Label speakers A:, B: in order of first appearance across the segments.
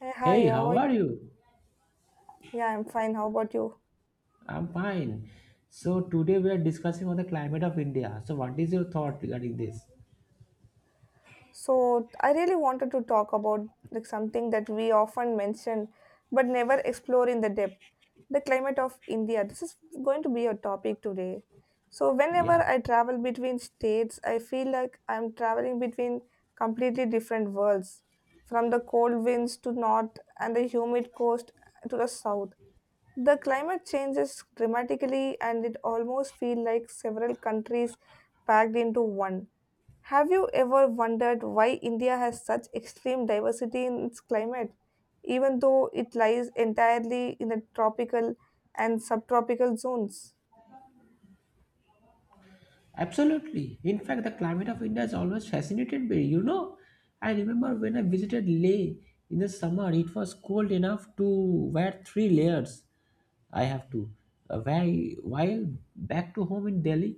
A: Hey,
B: Hey,
A: hi, how
B: how
A: are
B: are you?
A: you? Yeah, I'm fine. How about you?
B: I'm fine. So today we are discussing on the climate of India. So what is your thought regarding this?
A: So, I really wanted to talk about like something that we often mention but never explore in the depth. The climate of India. This is going to be a topic today. So, whenever
B: Yeah.
A: I travel between states, I feel like I'm traveling between completely different worlds, from the cold winds to north and the humid coast to the south. The climate changes dramatically and it almost feels like several countries packed into one. Have you ever wondered why India has such extreme diversity in its climate, even though it lies entirely in the tropical and subtropical zones?
B: Absolutely. In fact, the climate of India has always fascinated me. I remember when I visited Leh in the summer, it was cold enough to wear 3 layers. I have to. While back to home in Delhi,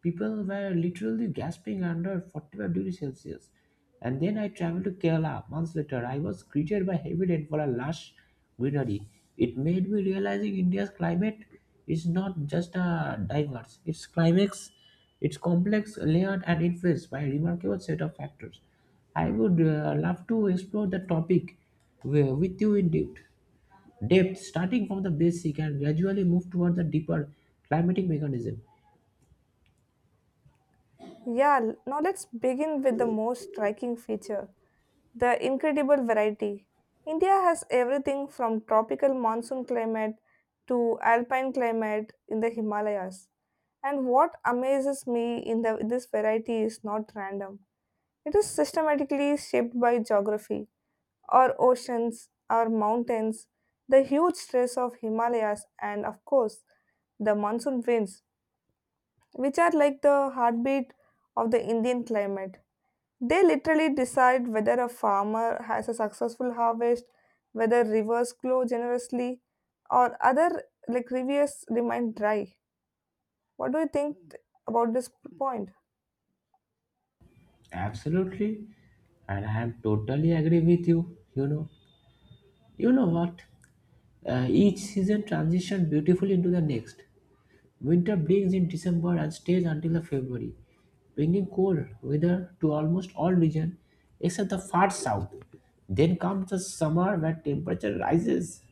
B: people were literally gasping under 45 degrees Celsius. And then I traveled to Kerala months later. I was greeted by heavy rainfall and lush greenery. It made me realizing India's climate is not just a diverse; it's complex, layered, and influenced by a remarkable set of factors. I would love to explore the topic with you in depth, depth, starting from the basic and gradually move toward the deeper climatic mechanism.
A: Yeah, now let's begin with the most striking feature, the incredible variety. India has everything from tropical monsoon climate to alpine climate in the Himalayas. And what amazes me in this variety is not random. It is systematically shaped by geography, our oceans, our mountains, the huge stress of Himalayas, and of course, the monsoon winds, which are like the heartbeat of the Indian climate. They literally decide whether a farmer has a successful harvest, whether rivers flow generously, or other like rivers remain dry. What do you think about this point?
B: Absolutely, and I am totally agree with you. You know what? Each season transition beautifully into the next. Winter begins in December and stays until the February, bringing cold weather to almost all regions except the far south. Then comes the summer where temperature rises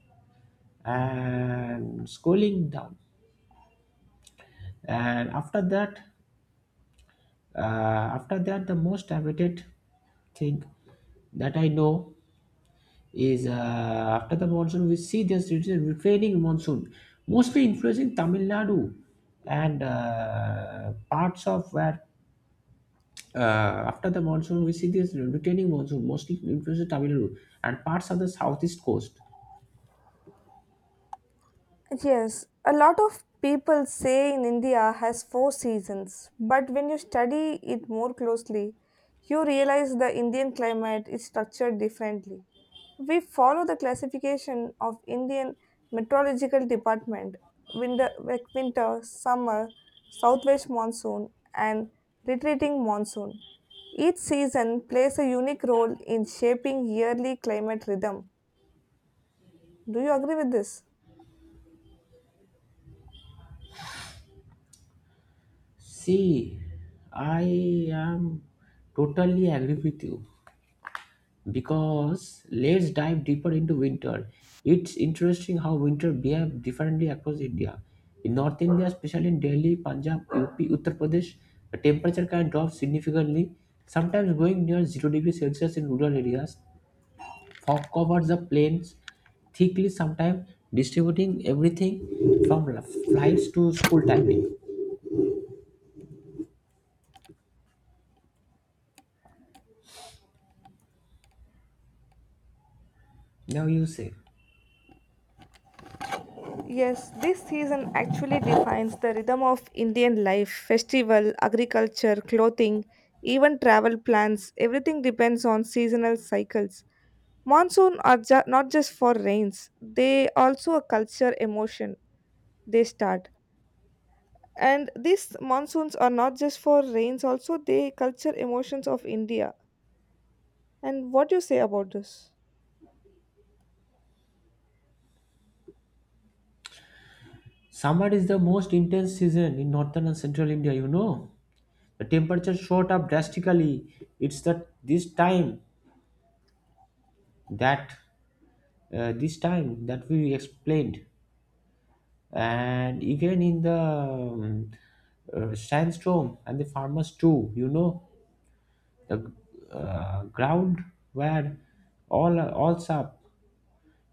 B: and cooling down. And uh, after that, the most habited thing that I know is after the monsoon, we see this it is a refraining monsoon, mostly influencing Tamil Nadu and parts of where after the monsoon, we see this returning monsoon mostly influences Tamil Nadu and parts of the southeast coast.
A: Yes, a lot of people say in India has four seasons, but when you study it more closely, you realize the Indian climate is structured differently. We follow the classification of Indian Meteorological Department, winter, like winter, summer, southwest monsoon, and retreating monsoon. Each season plays a unique role in shaping yearly climate rhythm. Do you agree with this?
B: See, I am totally agree with you because let's dive deeper into winter. It's interesting how winter behave differently across India. In North India, especially in Delhi, Punjab, UP, Uttar Pradesh, the temperature can drop significantly, sometimes going near 0 degrees Celsius in rural areas. Fog covers the plains thickly, sometimes distributing everything from flights to school timing. Now you say,
A: Yes, this season actually defines the rhythm of Indian life festival, agriculture, clothing, even travel plans. Everything depends on seasonal cycles. Monsoon are not just for rains, they also a culture emotion. They start. And these monsoons are not just for rains, also they culture emotions of India. And what do you say about this?
B: summer is the most intense season in northern and central India. The temperature shot up drastically. It's that this time that this time that we explained, and even in the sandstorm and the farmers too. The ground where all up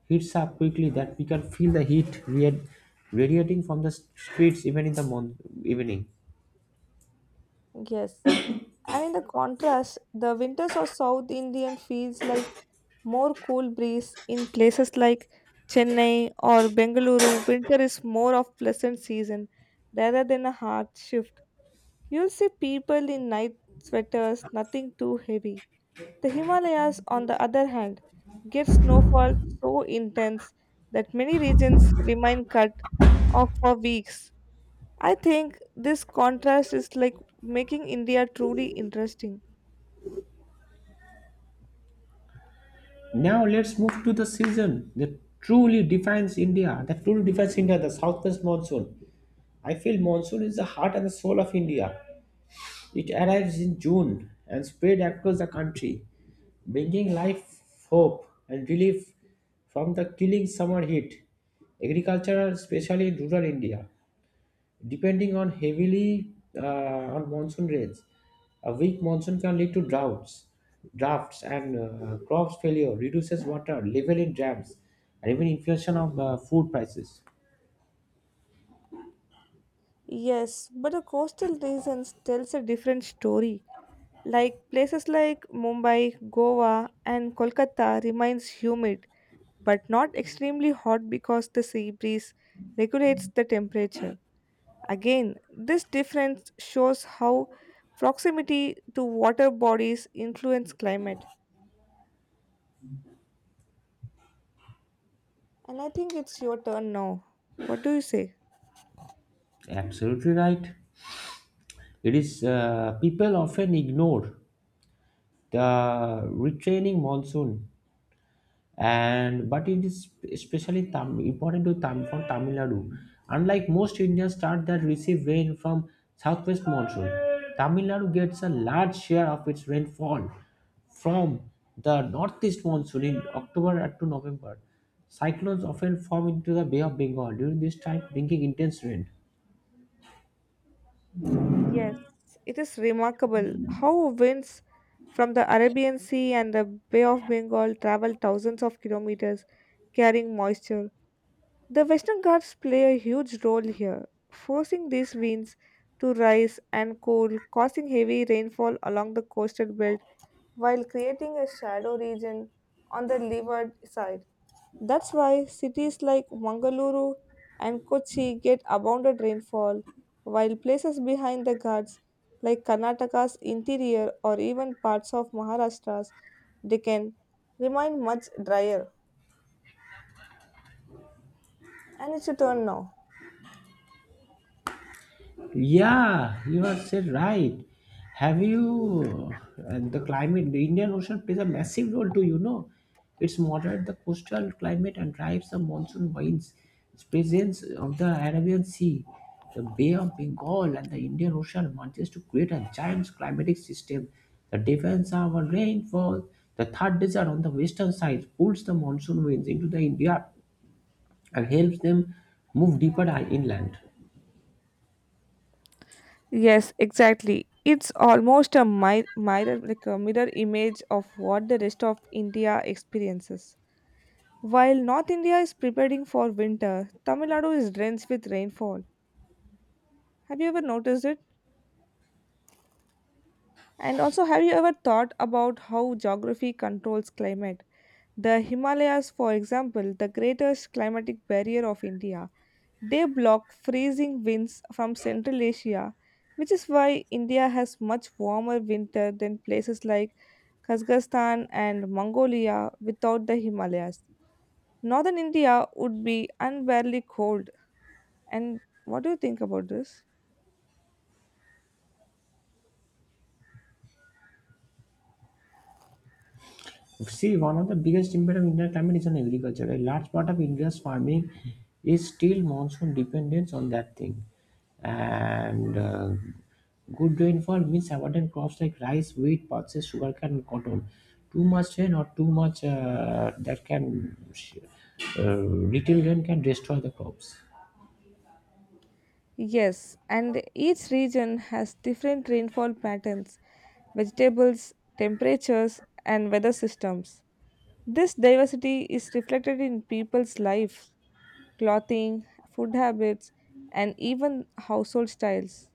B: heats up quickly that we can feel the heat radiating from the streets even in the evening.
A: Yes, and in the contrast, the winters of South Indian feels like more cool breeze in places like Chennai or Bengaluru. Winter is more of pleasant season rather than a hard shift. You'll see people in night sweaters, nothing too heavy. The Himalayas, on the other hand, get snowfall so intense that many regions remain cut off for weeks. I think this contrast is like making India truly interesting.
B: Now let's move to the season that truly defines India. That truly defines India, the southwest monsoon. I feel monsoon is the heart and the soul of India. It arrives in June and spread across the country, bringing life, hope, and relief from the killing summer heat. Agriculture, especially in rural India, depending on heavily uh, on monsoon rains. A weak monsoon can lead to droughts, drafts, and crops failure, reduces water level in dams, and even inflation of food prices.
A: Yes, but the coastal regions tells a different story. Like places like Mumbai, Goa, and Kolkata remains humid, but not extremely hot because the sea breeze regulates the temperature. Again, this difference shows how proximity to water bodies influence climate. And I think it's your turn now. What do you say?
B: Absolutely right. It is people often ignore the retraining monsoon and but it is especially important to for Tamil Nadu. Unlike most Indian states that receive rain from southwest monsoon, Tamil Nadu gets a large share of its rainfall from the northeast monsoon in October to November. Cyclones often form into the Bay of Bengal during this time, bringing intense rain.
A: Yes, it is remarkable how winds from the Arabian Sea and the Bay of Bengal travel thousands of kilometers carrying moisture. The Western Ghats play a huge role here, forcing these winds to rise and cool, causing heavy rainfall along the coastal belt while creating a shadow region on the leeward side. That's why cities like Mangaluru and Kochi get abundant rainfall, while places behind the Ghats like Karnataka's interior or even parts of Maharashtra's Deccan remain much drier. And it's your turn now.
B: Yeah, you are said right. Have you and the climate? The Indian Ocean plays a massive role too. It's moderate the coastal climate and drives the monsoon winds. Its presence of the Arabian Sea, the Bay of Bengal, and the Indian Ocean merges to create a giant climatic system. The defense of our rainfall, the Thar desert on the western side, pulls the monsoon winds into the India and helps them move deeper inland.
A: Yes, exactly. It's almost a mirror, like a mirror image of what the rest of India experiences. While North India is preparing for winter, Tamil Nadu is drenched with rainfall. Have you ever noticed it? And also, have you ever thought about how geography controls climate? The Himalayas, for example, the greatest climatic barrier of India, they block freezing winds from Central Asia, which is why India has much warmer winter than places like Kazakhstan and Mongolia without the Himalayas. Northern India would be unbearably cold. And what do you think about this?
B: See, one of the biggest impact of Indian climate is on agriculture. A large part of India's farming is still monsoon dependence on that thing. And good rainfall means abundant crops like rice, wheat, pulses, sugarcane, and cotton. Too much rain or too much little rain can destroy the crops.
A: Yes, and each region has different rainfall patterns, vegetables, temperatures, and weather systems. This diversity is reflected in people's lives, clothing, food habits, and even household styles.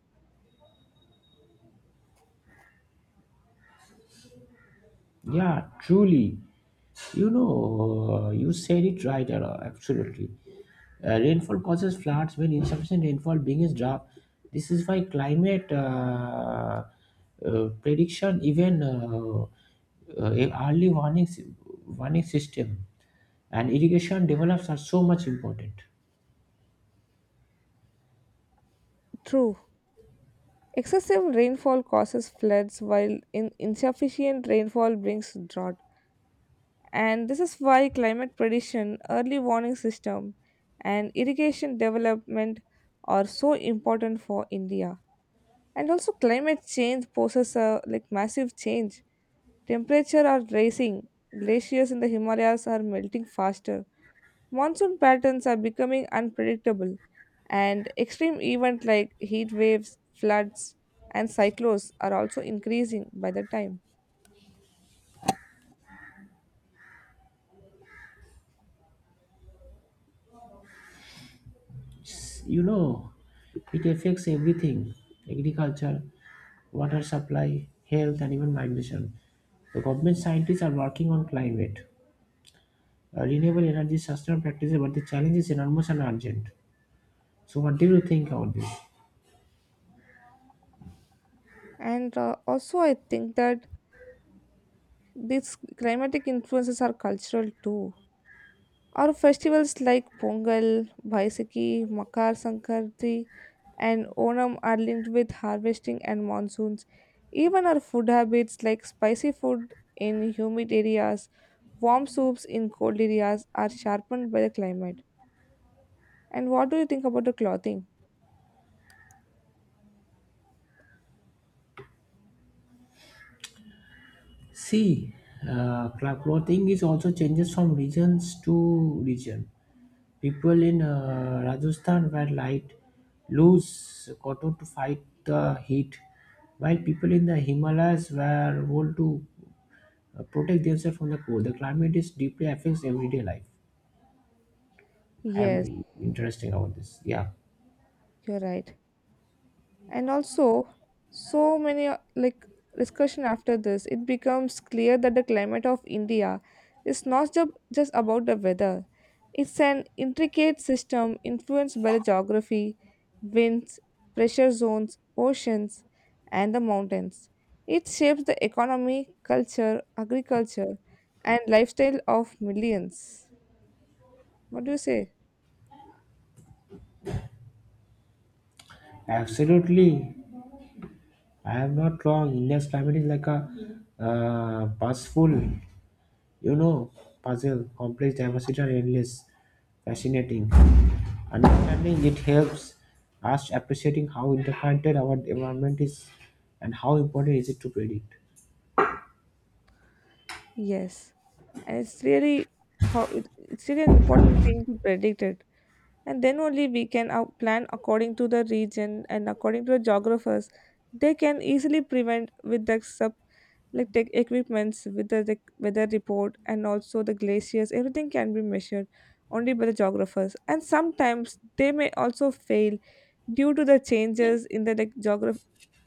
B: Yeah, truly. You said it right, absolutely. Rainfall causes floods when insufficient rainfall begins drought. This is why climate prediction, even early warning system and irrigation develops are so much important.
A: True. Excessive rainfall causes floods, while in insufficient rainfall brings drought. And this is why climate prediction, early warning system, and irrigation development are so important for India. And also climate change poses a like massive change, temperature are rising, glaciers in the Himalayas are melting faster, monsoon patterns are becoming unpredictable, and extreme events like heat waves, floods, and cyclones are also increasing by the time.
B: you know it affects everything, agriculture, water supply, health, and even migration. The government scientists are working on climate, renewable energy, sustainable practices, but the challenge is enormous and urgent. So what do you think about this?
A: And also I think that these climatic influences are cultural too. Our festivals like Pongal, Baisakhi, Makar Sankranti, and Onam are linked with harvesting and monsoons. Even our food habits like spicy food in humid areas, warm soups in cold areas are sharpened by the climate. And what do you think about the clothing?
B: See, clothing is also changes from regions to region. People in Rajasthan wear light, loose cotton to fight the heat, while people in the Himalayas were wool to protect themselves from the cold. The climate is deeply affects everyday life. I
A: Yes,
B: am interesting about this. Yeah,
A: you're right. And also so many like discussion after this it becomes clear that the climate of India is not just about the weather, it's an intricate system influenced by the geography, winds, pressure zones, oceans, and the mountains. It shapes the economy, culture, agriculture, and lifestyle of millions. What do you say?
B: absolutely. I am not wrong. India's climate is like a uh, bus you know, puzzle, complex, diversity, and endless, fascinating. Understanding it helps us appreciating how interconnected our environment is and how important is it to predict.
A: Yes, and it's really how it's really an important thing to predict it, and then only we can plan according to the region, and according to the geographers they can easily prevent with the sub like tech equipments, with the weather report, and also the glaciers, everything can be measured only by the geographers, and sometimes they may also fail due to the changes in the like geograph,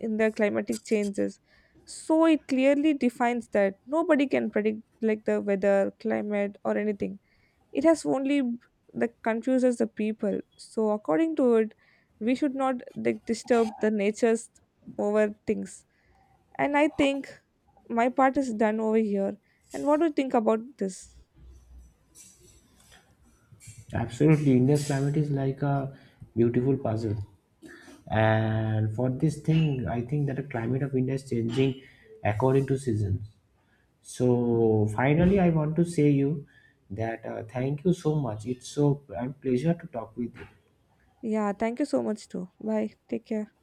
A: in the climatic changes. So it clearly defines that nobody can predict like the weather, climate or anything. It has only that confuses the people. So according to it we should not like disturb the nature's over things. And I think my part is done over here. And what do you think about this?
B: Absolutely, India's climate is like a beautiful puzzle. And for this thing I think that the climate of India is changing according to seasons. So finally I want to say you that thank you so much, it's so a pleasure to talk with you.
A: Yeah, thank you so much too, bye, take care.